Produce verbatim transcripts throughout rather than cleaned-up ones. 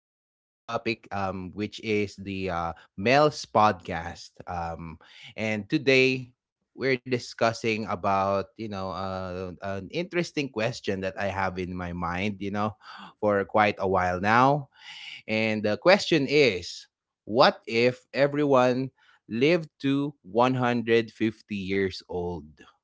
topic, um, which is the uh, Mel's podcast. Um, and today we're discussing about, you know, uh, an interesting question that I have in my mind, you know, for quite a while now. And the question is, what if everyone lived to one hundred fifty years old?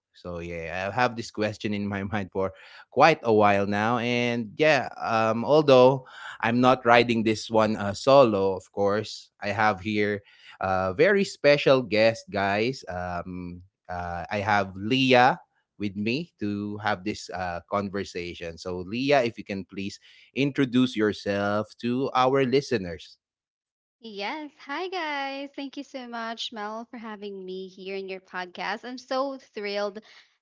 So, yeah, I have this question in my mind for quite a while now. And yeah, um, although I'm not riding this one uh, solo, of course, I have here a very special guest, guys. Um, uh, I have Leah with me to have this uh, conversation. So, Leah, if you can please introduce yourself to our listeners. Yes. Hi, guys. Thank you so much, Mel, for having me here in your podcast. I'm so thrilled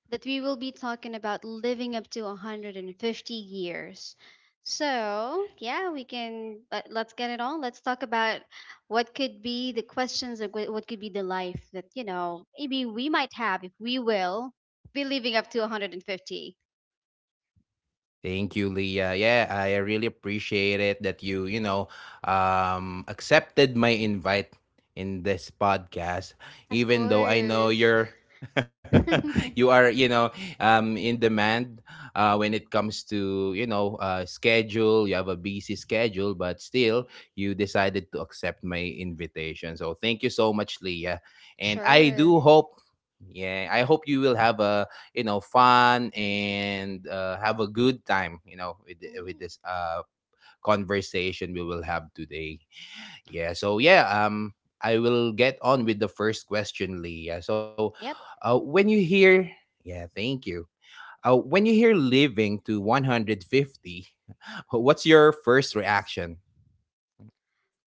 that we will be talking about living up to one hundred fifty years. So, yeah, we can let, let's get it on. Let's talk about what could be the questions of what what could be the life that, you know, maybe we might have if we will be living up to one hundred fifty. Thank you, Leah. Yeah, I really appreciate it that you, you know, um, accepted my invite in this podcast, Of even though I know course. you're. You are you know um in demand uh when it comes to you know uh schedule. You have a busy schedule, but still you decided to accept my invitation, so thank you so much, Leah. And I Sure. do hope. Yeah, I hope you will have a you know fun and uh, have a good time you know with the- with Hmm. this uh conversation we will have today. Yeah. So, yeah, um I will get on with the first question, Lee. Yeah. So, Yep. uh when you hear. Yeah, thank you. Uh when you hear living to one hundred fifty, what's your first reaction?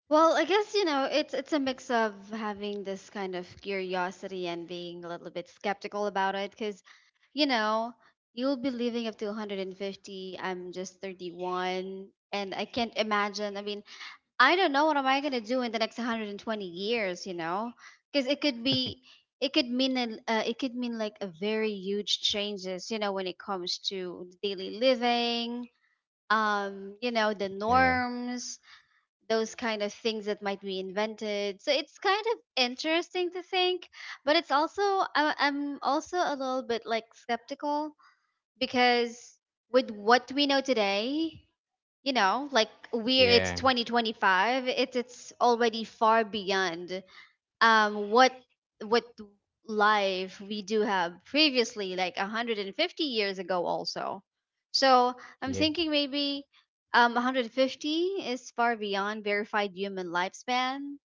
Well, I guess you know it's it's a mix of having this kind of curiosity and being a little bit skeptical about it, because you know you'll be living up to one hundred fifty. I'm just thirty-one, and I can't imagine. I mean, I don't know what am I gonna do in the next one hundred twenty years. You know, because it could be it could mean a, uh, it could mean like a very huge changes. You know, when it comes to daily living, um, you know, the Yeah, norms, those kind of things that might be invented. So it's kind of interesting to think, but it's also I- I'm also a little bit like skeptical, because with what we know today, you know, like we're it's yeah, twenty twenty-five, it's it's already far beyond um what what life we do have previously, like one hundred fifty years ago also. So I'm yeah, thinking maybe um one hundred fifty is far beyond verified human lifespan,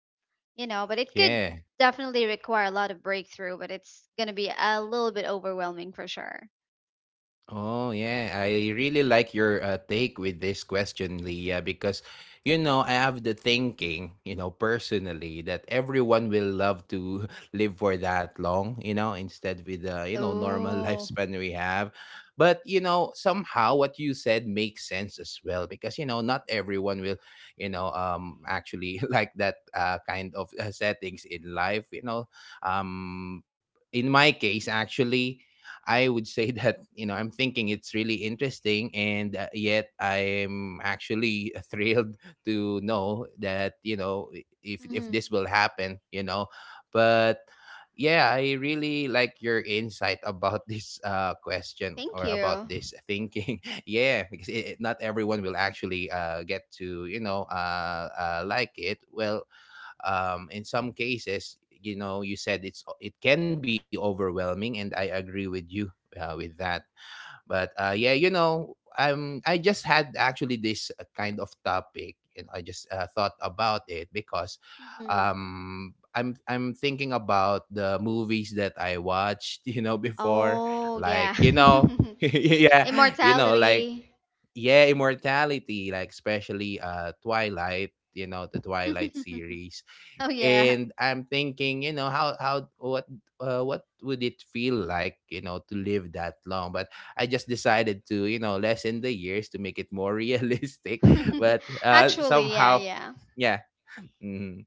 you know, but it could yeah. definitely require a lot of breakthrough, but it's going to be a little bit overwhelming for sure. Oh yeah, I really like your uh, take with this question, Leah, because you know I have the thinking, you know, personally, that everyone will love to live for that long, you know, instead with the you know normal Oh. lifespan we have. But you know somehow what you said makes sense as well, because you know not everyone will, you know, um actually, like that uh, kind of uh, settings in life. You know, um in my case actually, I would say that you know I'm thinking it's really interesting, and uh, yet I'm actually thrilled to know that you know i- if if Mhm. this will happen, you know. But yeah, I really like your insight about this uh, question or Thank about you. this thinking. Yeah, because it, it- not everyone will actually uh, get to you know uh, uh, like it. Well, um, in some cases, you know you said it's it can be overwhelming, and I agree with you uh, with that. But uh, yeah, you know I'm i just had actually this uh, kind of topic, and I just uh, thought about it, because Mhm. um, i'm i'm thinking about the movies that I watched you know before, Oh like yeah. you know yeah, you know like, Immortality. yeah, immortality, like especially uh Twilight, you know, the Twilight series. Oh yeah. And I'm thinking, you know, how how what uh, what would it feel like, you know, to live that long? But I just decided to, you know, lessen the years to make it more realistic. But uh Actually, yeah, somehow, yeah. yeah. Mm-hmm.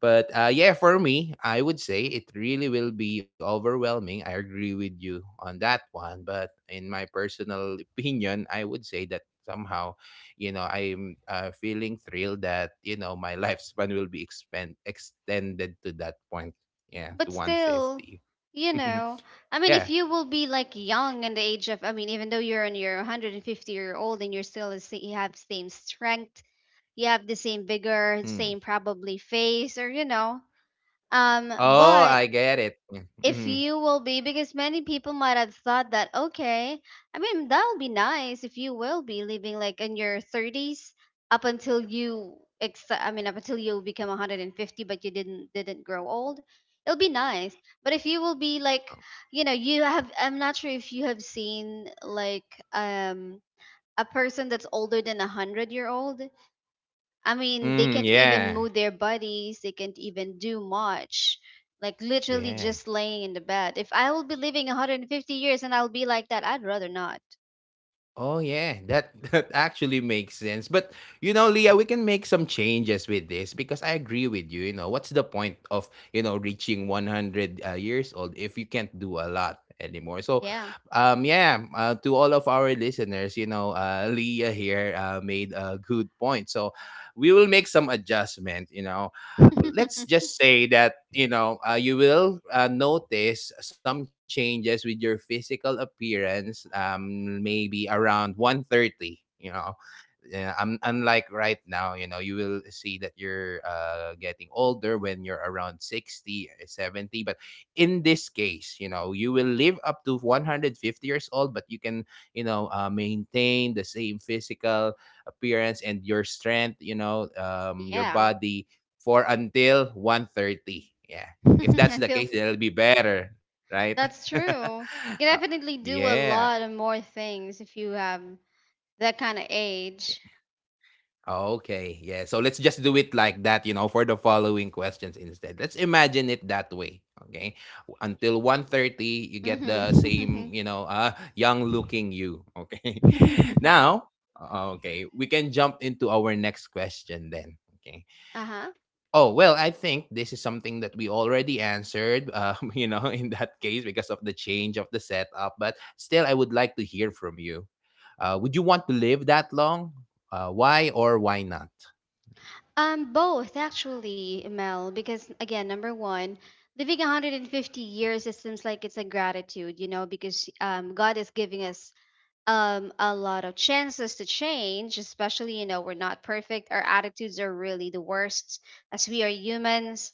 But uh, yeah, for me, I would say it really will be overwhelming. I agree with you on that one. But in my personal opinion, I would say that somehow, you know, I'm uh, feeling thrilled that, you know, my lifespan will be expand- extended to that point. Yeah, But to still, one fifty. you know, I mean, if Yeah. you will be like young in the age of, I mean, even though you're on your one hundred fifty year old and you're still, the sa- you have same strength, you have the same vigor, Hmm. same probably face, or, you know, um, Oh, but I get it. if Mm-hmm. you will be, because many people might have thought that, okay, I mean, that will be nice if you will be living like in your thirties up until you, ex- I mean, up until you become one hundred fifty, but you didn't didn't grow old. It'll be nice. But if you will be like, you know, you have, I'm not sure if you have seen like um a person that's older than a one hundred year old. I mean, they Mm, can't even yeah. move their bodies, they can't even do much. Like literally Yeah. just laying in the bed. If I will be living one hundred fifty years and I'll be like that, I'd rather not. Oh yeah, that that actually makes sense. But you know, Leah, we can make some changes with this, because I agree with you. You know, what's the point of you know reaching one hundred uh, years old if you can't do a lot anymore? So, Yeah. um, yeah, uh, to all of our listeners, you know, uh, Leah here uh, made a good point. So, we will make some adjustment. You know, let's just say that you know uh, you will uh, notice some changes with your physical appearance, um maybe around one thirty you know yeah, un- unlike right now, you know, you will see that you're uh, getting older when you're around sixty, uh, seventy. But in this case, you know, you will live up to one hundred fifty years old, but you can, you know, uh, maintain the same physical appearance and your strength, you know, um, your Yeah. body, for until one thirty. Yeah. If that's I the feel case, it'll be better, right? that's true. Uh, You can definitely do yeah. a lot of more things if you have that kind of age. Okay. Yeah. So let's just do it like that, you know, for the following questions instead. Let's imagine it that way. Okay. Until one thirty, you get the Mm-hmm. same, you know, uh, young looking you. Okay. Now, uh, okay, we can jump into our next question then. Okay. Uh-huh. Oh, well, I think this is something that we already answered, um, you know, in that case, because of the change of the setup. But still, I would like to hear from you. Uh, would you want to live that long? Uh, why or why not? Um, both actually, Mel, because again, number one, living one hundred fifty years, it seems like it's a gratitude, you know, because um, God is giving us um, a lot of chances to change, especially, you know, we're not perfect. Our attitudes are really the worst as we are humans.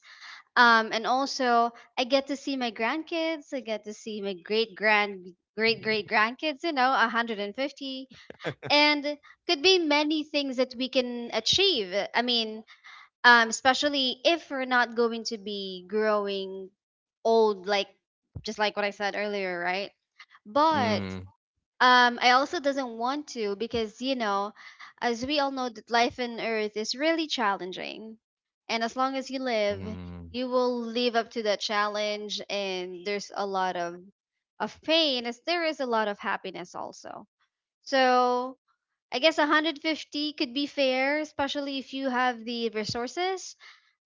Um, and also, I get to see my grandkids, I get to see my great grand, great great grandkids, you know, one hundred fifty. And could be many things that we can achieve. I mean, um especially if we're not going to be growing old, like just like what I said earlier, right? But Mm-hmm. um I also doesn't want to, because you know, as we all know that life on earth is really challenging, and as long as you live, Mm-hmm. you will live up to that challenge, and there's a lot of of pain as there is a lot of happiness also. So I guess one hundred fifty could be fair, especially if you have the resources.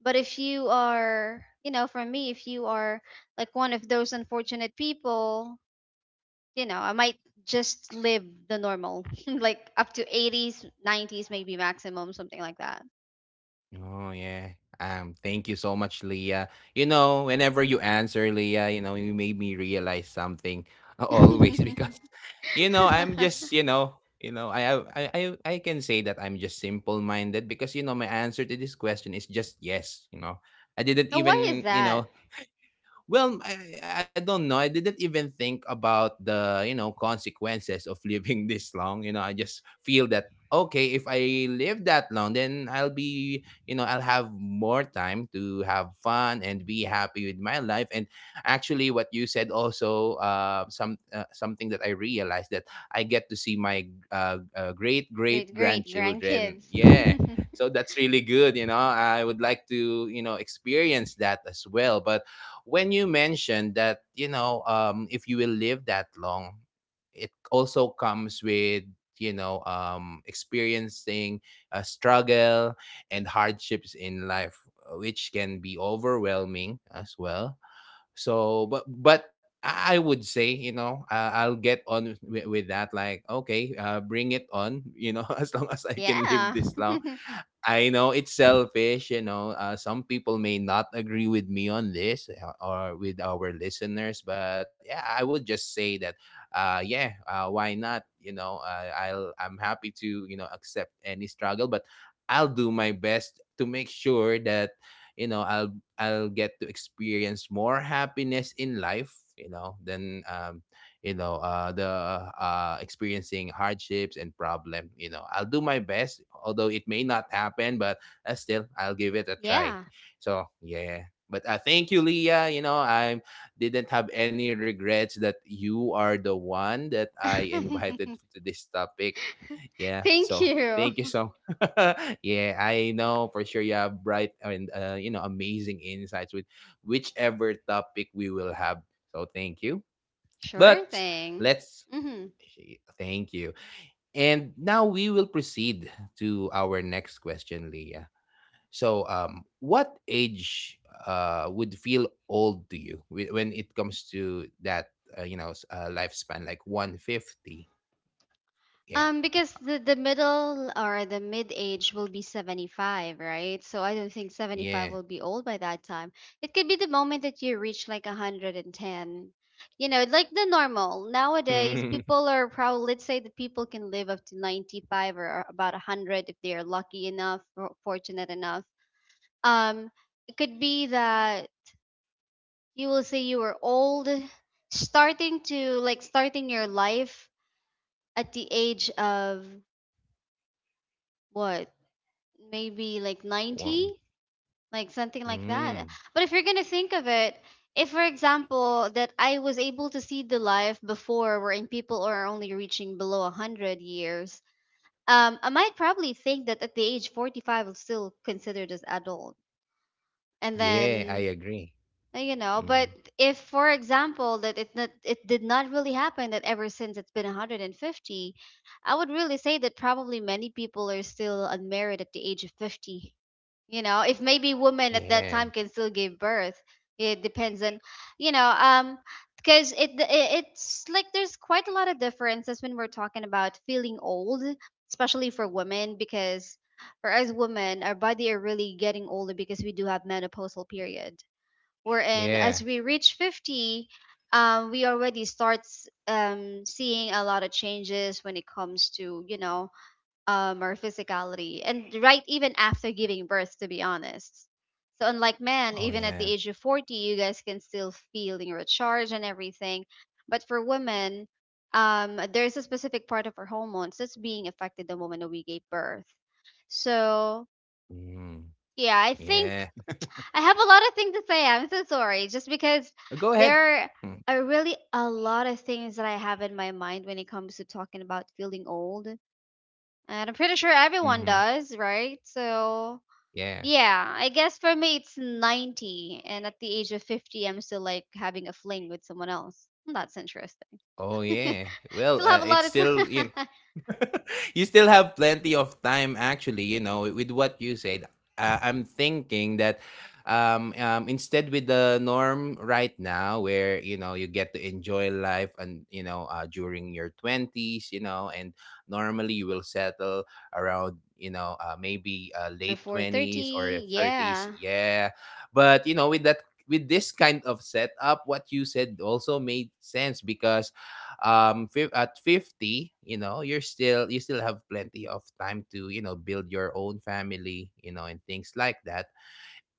But if you are, you know, for me, if you are like one of those unfortunate people, you know, I might just live the normal, like up to eighties, nineties, maybe maximum, something like that. Oh yeah. Um, thank you so much, Leah. You know, whenever you answer, Leah, you know, you made me realize something always, Now, because, you know, I'm just, you know, you know, I I I I I can say that I'm just simple minded, because you know my answer to this question is just yes. You know, I didn't why is even you that? know Well, I, I don't know. I didn't even think about the, you know, consequences of living this long. You know, I just feel that, okay, if I live that long, then I'll be, you know, I'll have more time to have fun and be happy with my life. And actually what you said also uh some uh, something that I realized, that I get to see my uh, uh great great Great, great grandchildren. grandkids. Yeah. So that's really good, you know. I would like to, you know, experience that as well. But when you mentioned that, you know um if you will live that long, it also comes with, you know um experiencing a struggle and hardships in life, uh, which can be overwhelming as well. So, but but i I would say, you know uh, I'll get on with, with that, like, okay, uh, bring it on you know as long as I can live this long. Mhm. I know it's selfish, you know. Uh, some people may not agree with me on this, uh, or with our listeners, but yeah, I would just say that, uh, yeah, uh, why not? You know, uh, I'll I'm happy to you know accept any struggle, but I'll do my best to make sure that you know I'll I'll get to experience more happiness in life, you know, than um, you know uh the uh experiencing hardships and problem you know I'll do my best, although it may not happen, but uh, still I'll give it a try. Yeah. Yeah. So yeah. But uh, thank you, Leah. you know I didn't have any regrets that you are the one that I invited to this topic. Yeah. Thank So you. thank you so yeah, I know for sure you have bright and, uh, you know amazing insights with whichever topic we will have. So thank you. Sure But thing. let's. Mm-hmm. Thank you. And now we will proceed to our next question, Leah. So, um, what age uh, would feel old to you, whe- when it comes to that, uh, you know, s- uh, lifespan, like one fifty? Yeah. Um, because the, the middle or the mid age will be seventy-five, right? So I don't think seventy-five Yeah. will be old by that time. It could be the moment that you reach like one hundred ten. You know, like the normal. Nowadays, people are probably, let's say that people can live up to ninety-five or about one hundred if they are lucky enough or fortunate enough. Um, it could be that you will say you were old, starting to like starting your life at the age of, what, maybe like ninety, One. like something like that. Mm. But if you're gonna think of it, if for example that I was able to see the life before, wherein people are only reaching below one hundred years, um, I might probably think that at the age forty-five is still considered as adult. And Yeah, I then agree. Uh, you know, but Mm. if for example that it not, it did not really happen, that ever since it's been one hundred fifty, I would really say that probably many people are still unmarried at the age of fifty, you know, if maybe women at that Yeah. time can still give birth. It depends on, you know, um because it, it it's like there's quite a lot of differences when we're talking about feeling old, especially for women, because for us women our body are really getting older, because we do have menopausal period wherein as Yeah. we reach fifty, um, we already start s- um, seeing a lot of changes when it comes to, you know, um, our physicality and right even after giving birth, to be honest. So unlike men, Oh, even at the yeah. age of forty, you guys can still feel your charge and everything, but for women, um, there's a specific part of our hormones that's being affected the moment that we gave birth. So Mm. yeah, I think Yeah. I have a lot of things to say. I'm so sorry. Just because Go ahead. there Mm. are really a lot of things that I have in my mind when it comes to talking about feeling old. And I'm pretty sure everyone Hmm. does, right? So, Yeah. yeah, I guess for me it's ninety. And at the age of fifty, I'm still like having a fling with someone else. That's interesting. Oh yeah. Well, Still uh, have a it's lot of still you. time. You still have plenty of time, actually. You know, with what you said, uh, I'm thinking that, um, um, instead with the norm right now, where you know you get to enjoy life, and you know uh, during your twenties, you know, and normally you will settle around, you know uh, maybe uh, late Before twenties or thirty, thirties. yeah. Yeah, but you know with that with this kind of setup, what you said also made sense because um fif- at fifty, you know, you're still you still have plenty of time to, you know, build your own family, you know, and things like that.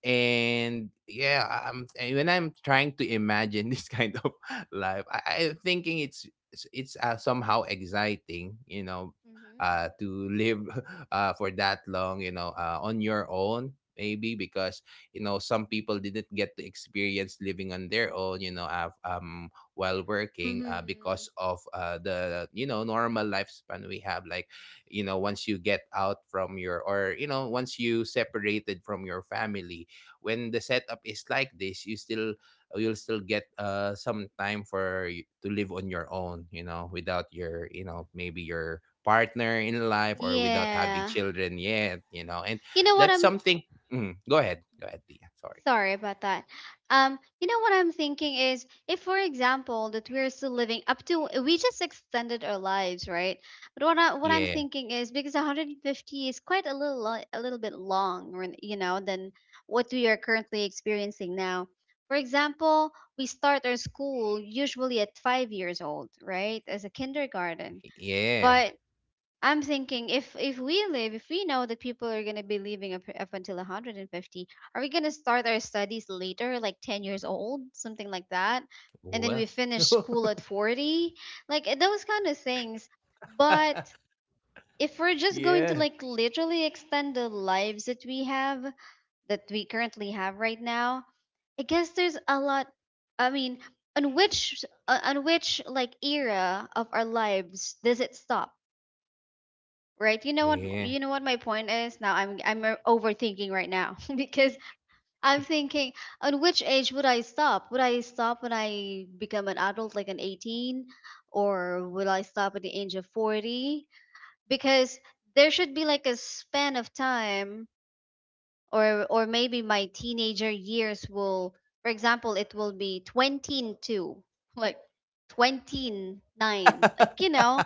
And yeah I- am and when I'm trying to imagine this kind of life, I, I'm thinking it's it's it's, uh, somehow exciting, you know, uh to live uh for that long, you know, uh, on your own. Maybe because, you know, some people didn't get to experience living on their own, you know, uh, um while Hmm. working, uh, Hmm. because of uh, the you know normal lifespan we have. Like, you know, once you get out from your, or you know once you separated from your family, when the setup is like this, you still, uh, you'll still get uh some time for y- to live on your own, you know, without your, you know, maybe your partner in life, or without having Yeah. children yet, you know. And You know what? that's I'm something. mm, go ahead. Go ahead, Tia. Sorry. Sorry about that. Um, you know what I'm thinking is, if, for example, that we're still living up to, we just extended our lives, right? But what I what I'm Yeah. thinking is, because one hundred fifty is quite a little lo- a little bit long, when- you know, than what we are currently experiencing now. For example, we start our school usually at five years old, right, as a kindergarten. Yeah. But I'm thinking, if if we live, if we know that people are gonna be living up, up until one hundred fifty, are we gonna start our studies later, like ten years old, something like that, and then Well. we finish school at forty, like uh, those kind of things. But if we're just going to Yeah. like literally extend the lives that we have, that we currently have right now, I guess there's a lot. I mean, on which uh, on which like era of our lives does it stop? Right. You know what Yeah. you know what my point is. Now I'm I'm o- overthinking right now because I'm thinking, on which age would I stop? Would I stop when I become an adult like an eighteen, or will I stop at the age of forty? Because there should be like a span of time, or or maybe my teenager years will, for example, it will be twenty-two, like twenty-nine, like, you know.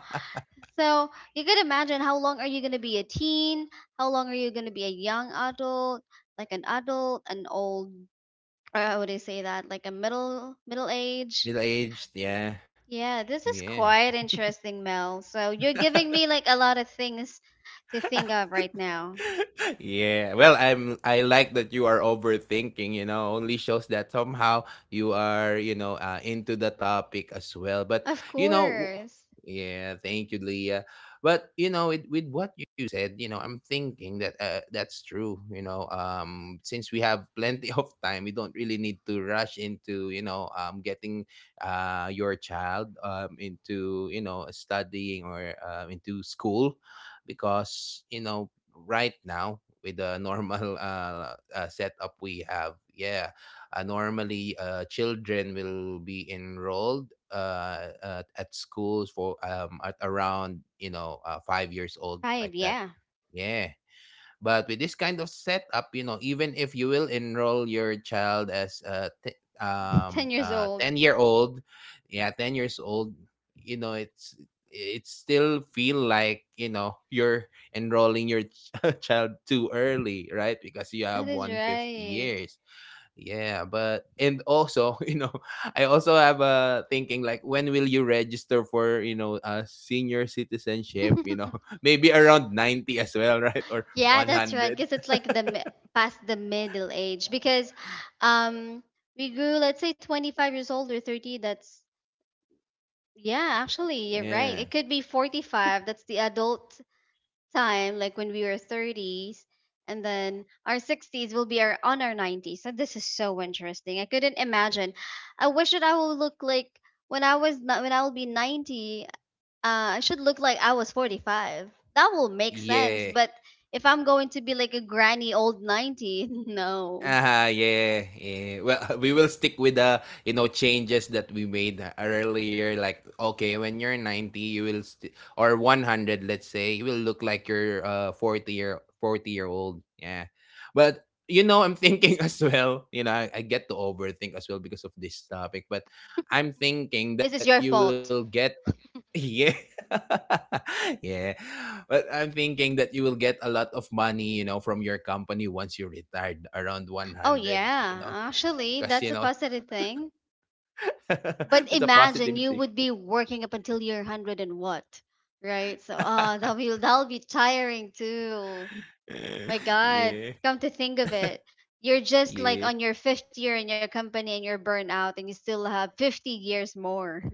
So you could imagine, how long are you gonna be a teen? How long are you gonna be a young adult? Like an adult, an old, or how would I say that? Like a middle middle age. Middle aged, yeah. Yeah, this is Yeah. quite interesting, Mel. So you're giving me like a lot of things to think of right now. yeah well I'm, I like that you are overthinking. You know, only shows that somehow you are, you know, uh, into the topic as well. But Of you know w- course, yeah, thank you, Leah. But you know it, with what you said, you know, I'm thinking that, uh, that's true, you know. Um since we have plenty of time, we don't really need to rush into, you know, um getting uh your child um into, you know, studying, or um, into school. Because, you know, right now with the normal uh, uh setup we have, yeah, uh, normally uh children will be enrolled uh at, at schools for um at around, you know, uh, five years old, five. like that. Yeah, Yeah, but with this kind of setup, you know, even if you will enroll your child as a t- um ten years uh old. ten year old, yeah, ten years old, you know, it's, it still feel like, you know, you're enrolling your ch- child too early, right? Because you have That is one hundred fifty right. years. Yeah, but and also, you know, I also have a thinking, like, when will you register for, you know, uh senior citizenship, you know, maybe around ninety as well, right? Or Yeah, that's right. one hundred. Because it's like the mi- past the middle age. Because um, we grew, let's say, twenty-five years old or thirty. That's, yeah, actually, you're right. Yeah. It could be forty-five. That's the adult time, like when we were thirties. And then our sixties will be our, on our nineties. So this is so interesting. I couldn't imagine. I wish that I will look like, when I was, not, when I will be ninety, uh, I should look like I was forty-five. That will make sense. Yeah. But if I'm going to be like a granny old ninety, no. Ah yeah, yeah. Well, we will stick with the, you know, changes that we made uh, earlier. Like, okay, when you're ninety, you will st- or one hundred, let's say, you will look like you're uh forty year forty year old. Yeah, but you know, I'm thinking as well. You know, I, I get to overthink as well because of this topic. But I'm thinking This that is you your will fault. get, yeah. Yeah. But I'm thinking that you will get a lot of money, you know, from your company once you retired around Oh, one hundred, you know, yeah. Actually, because, you that's a know, positive thing. But it's a positive imagine you thing. would be working up until you're one hundred and what? Right? So, uh, that'll be, that'll be tiring too. My God. Yeah. Come to think of it. You're just like Yeah. on your fifth year in your company and you're burnt out and you still have fifty years more.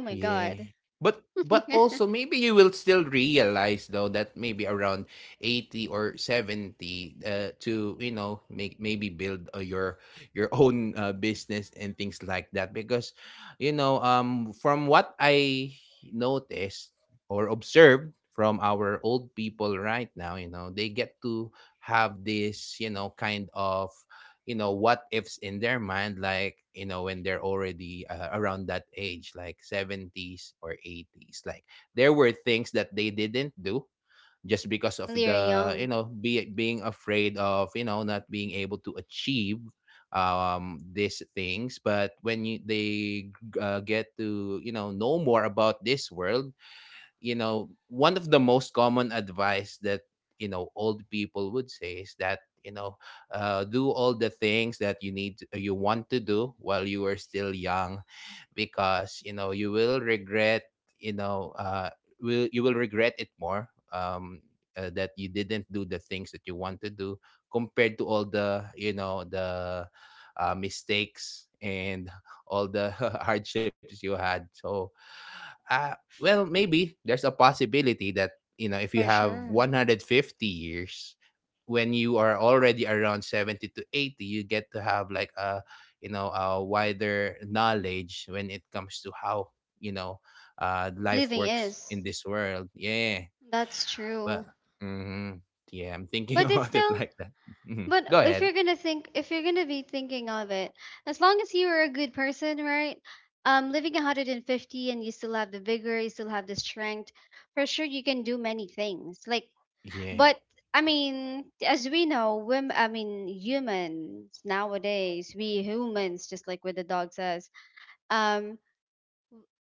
Oh my God. But but also, maybe you will still realize though that maybe around eighty or seventy, uh, to, you know, make, maybe build, uh, your your own, uh, business and things like that. Because, you know, um from what I noticed or observed from our old people right now, you know, they get to have this, you know, kind of, you know, what ifs in their mind. Like, you know, when they're already, uh, around that age, like seventies or eighties, like, there were things that they didn't do just because of When you're the, you young, know, be, being afraid of, you know, not being able to achieve um these things. But when you, they, uh, get to, you know know more about this world, you know, one of the most common advice that, you know, old people would say is that, you know, uh, do all the things that you need, uh, you want to do while you are still young. Because you know you will regret, you know, uh will you will regret it more, um uh, that you didn't do the things that you want to do, compared to all the, you know, the uh, mistakes and all the hardships you had. So, uh well, maybe there's a possibility that, you know, if you for have sure. one hundred fifty years, when you are already around seventy to eighty, you get to have like a, you know, a wider knowledge when it comes to how, you know, uh life Living works is. in this world, yeah. That's But, true. hmm yeah, I'm thinking But it's about it still, like that. Mhm. but Go if ahead. you're gonna think, if you're gonna be thinking of it, as long as you are a good person, right? Um, living one hundred fifty and you still have the vigor, you still have the strength, for sure you can do many things. Like, Yeah. but I mean, as we know, women, I mean, humans nowadays, we humans, just like what the dog says, Um.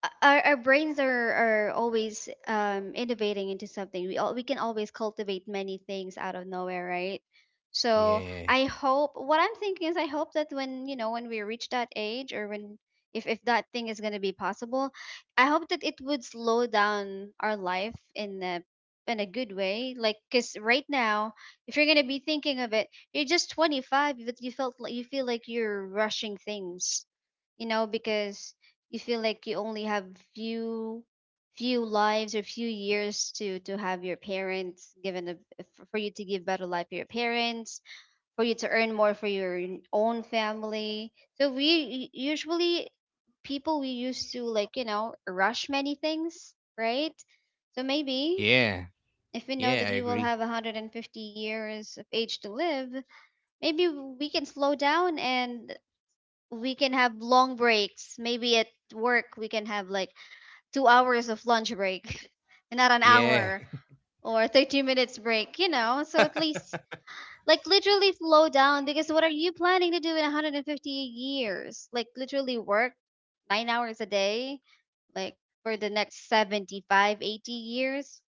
o- our, our brains are, are always um, innovating into something. We all, we can always cultivate many things out of nowhere, right? So Yeah. I hope what I'm thinking is I hope that when you know when we reach that age or when if if that thing is gonna be possible, I hope that it would slow down our life in a in a good way. Like because right now, if you're gonna be thinking of it, you're just twenty-five, but you felt like you feel like you're rushing things you know because you feel like you only have few few lives or few years to to have your parents given a, f- for you to give better life to your parents for you to earn more for your own family so we u- usually people we used to like you know rush many things right so maybe Yeah. if we know Yeah, that I we will agree. have one hundred fifty years of age to live maybe we can slow down and we can have long breaks maybe at work we can have like two hours of lunch break, not an Yeah. hour or thirty minutes break, you know? So at least, like, literally slow down because what are you planning to do in one hundred fifty years? Like, literally work nine hours a day, like, for the next seventy-five, eighty years?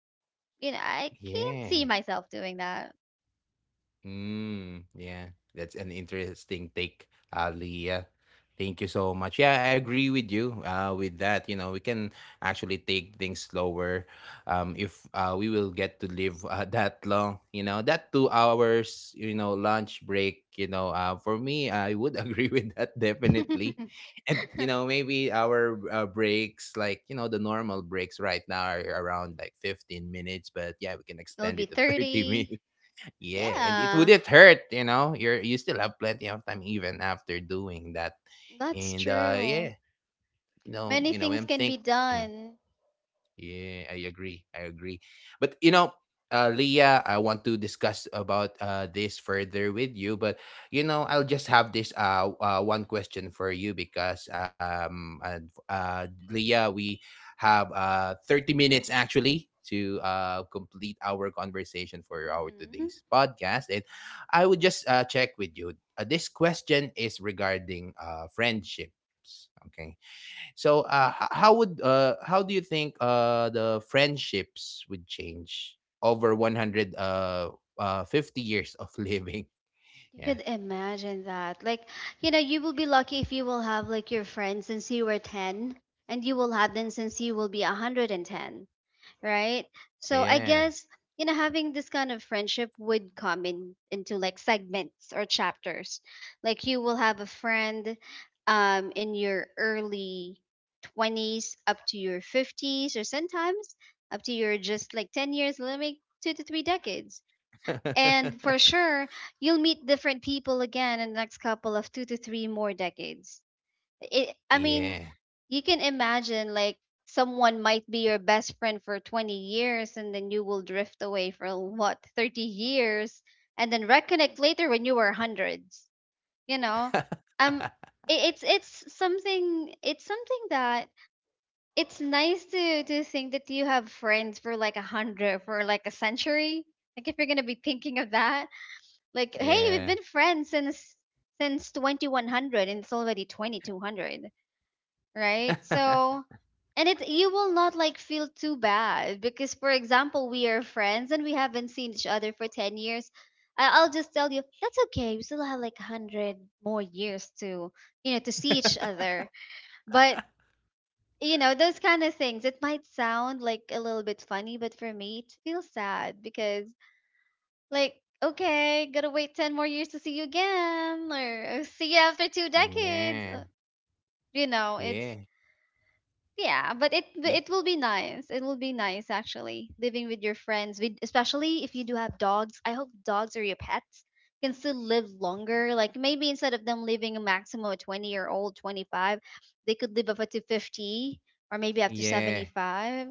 You know, I can't see Yeah. myself doing that. Mm, yeah, that's an interesting take, Ali. Yeah. Thank you so much. Yeah, I agree with you, uh, with that. You know, we can actually take things slower, um, if, uh, we will get to live, uh, that long. You know, that two hours, you know, lunch break, you know, uh, for me, I would agree with that, definitely. And, you know, maybe our, uh, breaks, like, you know, the normal breaks right now are around like fifteen minutes, but yeah, we can It'll extend be it to thirty thirty. minutes, yeah, and it Yeah, wouldn't hurt, you know. You're you still have plenty of time even after doing that. that's And uh true. yeah, you know, Many you know, things I'm can be think done. yeah, I agree. I agree. But you know, uh, Leah, I want to discuss about uh, this further with you. But you know, I'll just have this uh, uh one question for you, because um uh, uh Leah, we have uh thirty minutes actually to uh complete our conversation for our Mhm. today's podcast, and I would just, uh, check with you. Uh, this question is regarding uh friendships. Okay, so, uh, h- how would, uh, how do you think, uh, the friendships would change over one hundred uh, uh, fifty years of living? You could Yeah. imagine that. Like, you know, you will be lucky if you will have like your friends since you were ten and you will have them since you will be one hundred ten, right? So I Yeah. guess, you know, having this kind of friendship would come in into like segments or chapters. Like you will have a friend um in your early twenties up to your fifties or sometimes up to your just like ten years, let me two to three decades and for sure, you'll meet different people again in the next couple of two to three more decades. It, I mean, Yeah. you can imagine like someone might be your best friend for twenty years and then you will drift away for what, thirty years and then reconnect later when you were hundreds, you know? Um, i- it's it's something it's something that it's nice to to think that you have friends for like a hundred for like a century like if you're gonna be thinking of that like, hey, we've Yeah. been friends since since twenty-one hundred and it's already twenty-two hundred, right? So, and it you will not like feel too bad because for example, we are friends and we haven't seen each other for ten years. I- I'll just tell you, that's okay. We still have like one hundred more years to, you know, to see each other. But you know those kind of things it might sound like a little bit funny but for me it feels sad because like, okay, gotta wait ten more years to see you again, or uh, see you after two decades. Yeah. Uh, You know, Yeah. Yeah. it's yeah, but it it will be nice. It will be nice actually living with your friends, with, especially if you do have dogs. I hope dogs or your pets can still live longer. Like maybe instead of them living a maximum of twenty year old twenty-five, they could live up to fifty or maybe up to Yeah. seventy-five.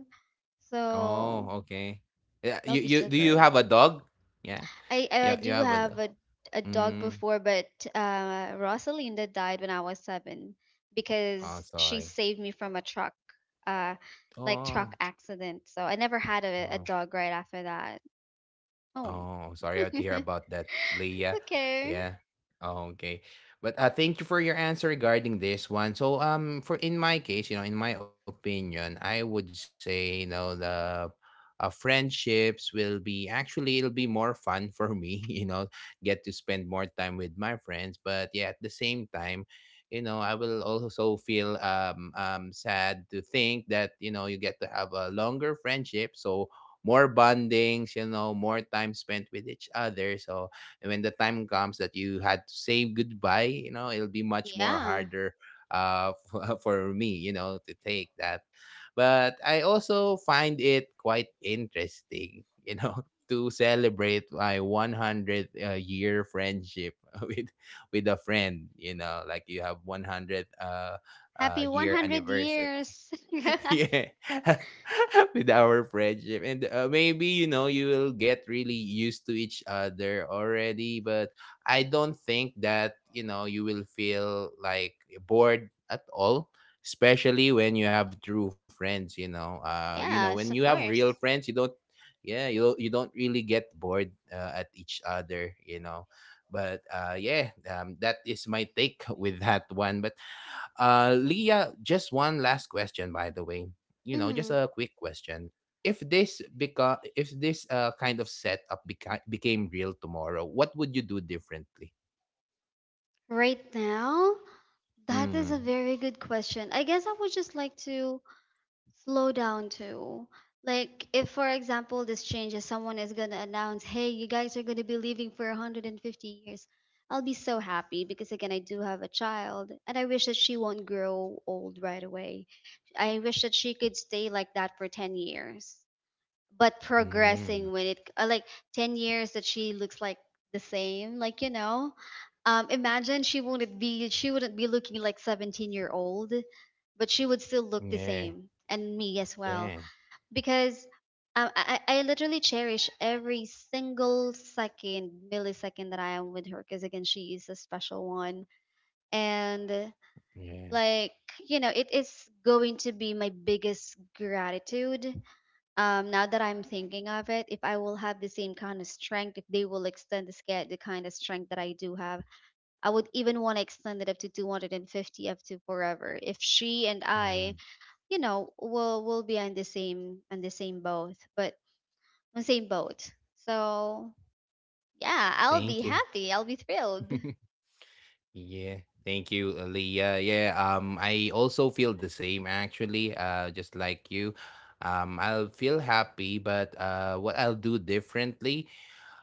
So Oh, okay. Yeah, that'll you be you so do you great. have a dog? Yeah. I Yeah, I you do have a dog. have a a dog Mm. before, but uh, Rosalinda died when I was seven Oh, because she sorry. saved me from a truck, uh, like Oh. truck accident. So I never had a, a Oh. dog right after that. Oh, Oh, sorry to hear it's about that, Leah. okay. Yeah. Oh, okay. But uh, thank you for your answer regarding this one. So, um, for in my case, you know, in my opinion, I would say, you know, the, uh, friendships will be actually, it'll be more fun for me. You know, get to spend more time with my friends. But yeah, at the same time, you know, I will also feel um um sad to think that, you know, you get to have a longer friendship. So more bondings, you know, more time spent with each other. So when the time comes that you had to say goodbye, you know, it'll be much more Yeah, harder, uh for for me, you know, to take that. But I also find it quite interesting, you know, to celebrate my one hundredth, uh, year friendship with with a friend, you know, like you have one hundred, uh, uh happy one year hundred anniversary, years. yeah, with our friendship. And, uh, maybe, you know, you will get really used to each other already, but I don't think that, you know, you will feel like bored at all, especially when you have true friends, you know. Uh you know, when you Yes, have of real course. friends, you don't, yeah, you don't, you don't really get bored, uh, at each other, you know. But uh yeah, um, that is my take with that one. But, uh, Leah, just one last question, by the way. You know, just Hmm. a quick question. If this beca- if this, uh, kind of setup beca- became real tomorrow, what would you do differently? Right now, that is a Mm. very good question. I guess I would just like to slow down too. Like if for example this changes, someone is gonna announce, "Hey, you guys are gonna be leaving for one hundred fifty years." I'll be so happy because again, I do have a child, and I wish that she won't grow old right away. I wish that she could stay like that for ten years but Mm. progressing when it uh, like ten years that she looks like the same like you know um imagine she wouldn't be she wouldn't be looking like seventeen year old but she would still look the Yeah. same and me as well Yeah. because um, I, I I literally cherish every single second millisecond that I am with her because again she is a special one and Yeah. like you know it is going to be my biggest gratitude, um, now that I'm thinking of it, if I will have the same kind of strength, if they will extend the scale, the kind of strength that I do have, I would even want to extend it up to two hundred fifty, up to forever. If she and Yeah. I, you know, will will be on the same on the same boat, but on the same boat. So yeah, I'll be Thank you. happy. I'll be thrilled. Yeah, thank you, uh, Leah. Yeah, um, I also feel the same actually, uh, just like you. Um, I'll feel happy, but, uh, what I'll do differently,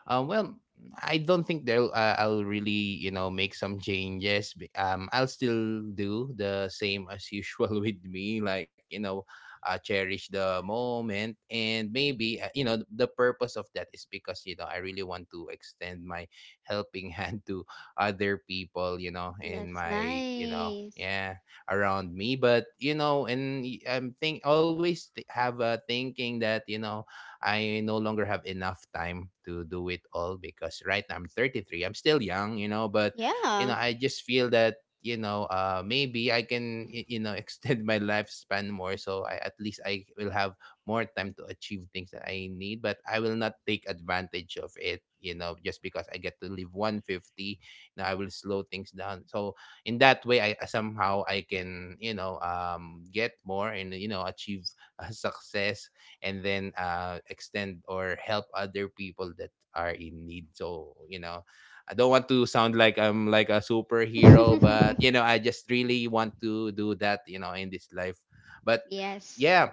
Um, well, I don't think they'll uh, I'll really, you know, make some changes. b- Um, I'll still do the same as usual with me, like, you know, uh, cherish the moment. And maybe, uh, you know, the purpose of that is because, you know, I really want to extend my helping hand to other people, you know, in That's my, you know, nice. yeah, around me. But you know and y- I'm think always th- have a thinking that, you know, I no longer have enough time to do it all, because right now I'm thirty-three. I'm still young, you know, but you know, Yeah. I just feel that, you know, uh, maybe I can y- you know, extend my lifespan more, so I at least I will have more time to achieve things that I need. But I will not take advantage of it, you know, just because I get to live one hundred fifty. You know, I will slow things down. So in that way, I somehow I can, you know, um get more, and, you know, achieve, uh, success, and then, uh, extend or help other people that are in need. So, you know, I don't want to sound like I'm like a superhero, but you know, I just really want to do that, you know, in this life. But Yes. yeah,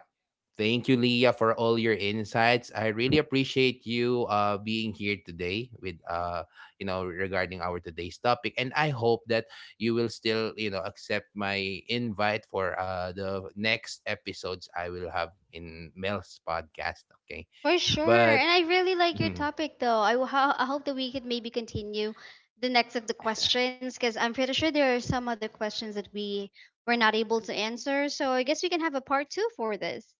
thank you, Leah, for all your insights. I really appreciate you, uh, being here today with, uh, you know, regarding our today's topic. And I hope that you will still, you know, accept my invite for, uh, the next episodes I will have in Mel's podcast. Okay, For sure. but. And I really like your hmm, topic, though. I, ho- I hope that we could maybe continue the next of the questions because I'm pretty sure there are some other questions that we were not able to answer. So I guess we can have a part two for this.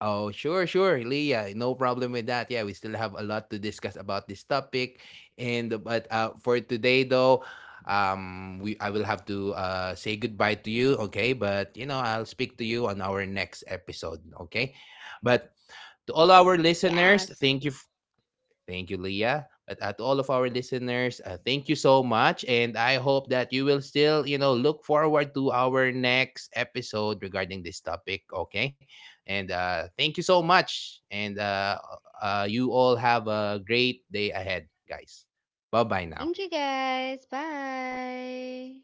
Oh, sure, sure, Leah. No problem with that. Yeah, we still have a lot to discuss about this topic. And but, uh, for today though, um, we I will have to, uh say goodbye to you, okay? But you know, I'll speak to you on our next episode, okay? But to all our Yes. listeners, thank you. Thank you, Leah. But at all of our listeners, uh, thank you so much. And I hope that you will still, you know, look forward to our next episode regarding this topic. Okay. And uh, thank you so much. And uh, uh, you all have a great day ahead, guys. Bye bye now. Thank you, guys. Bye.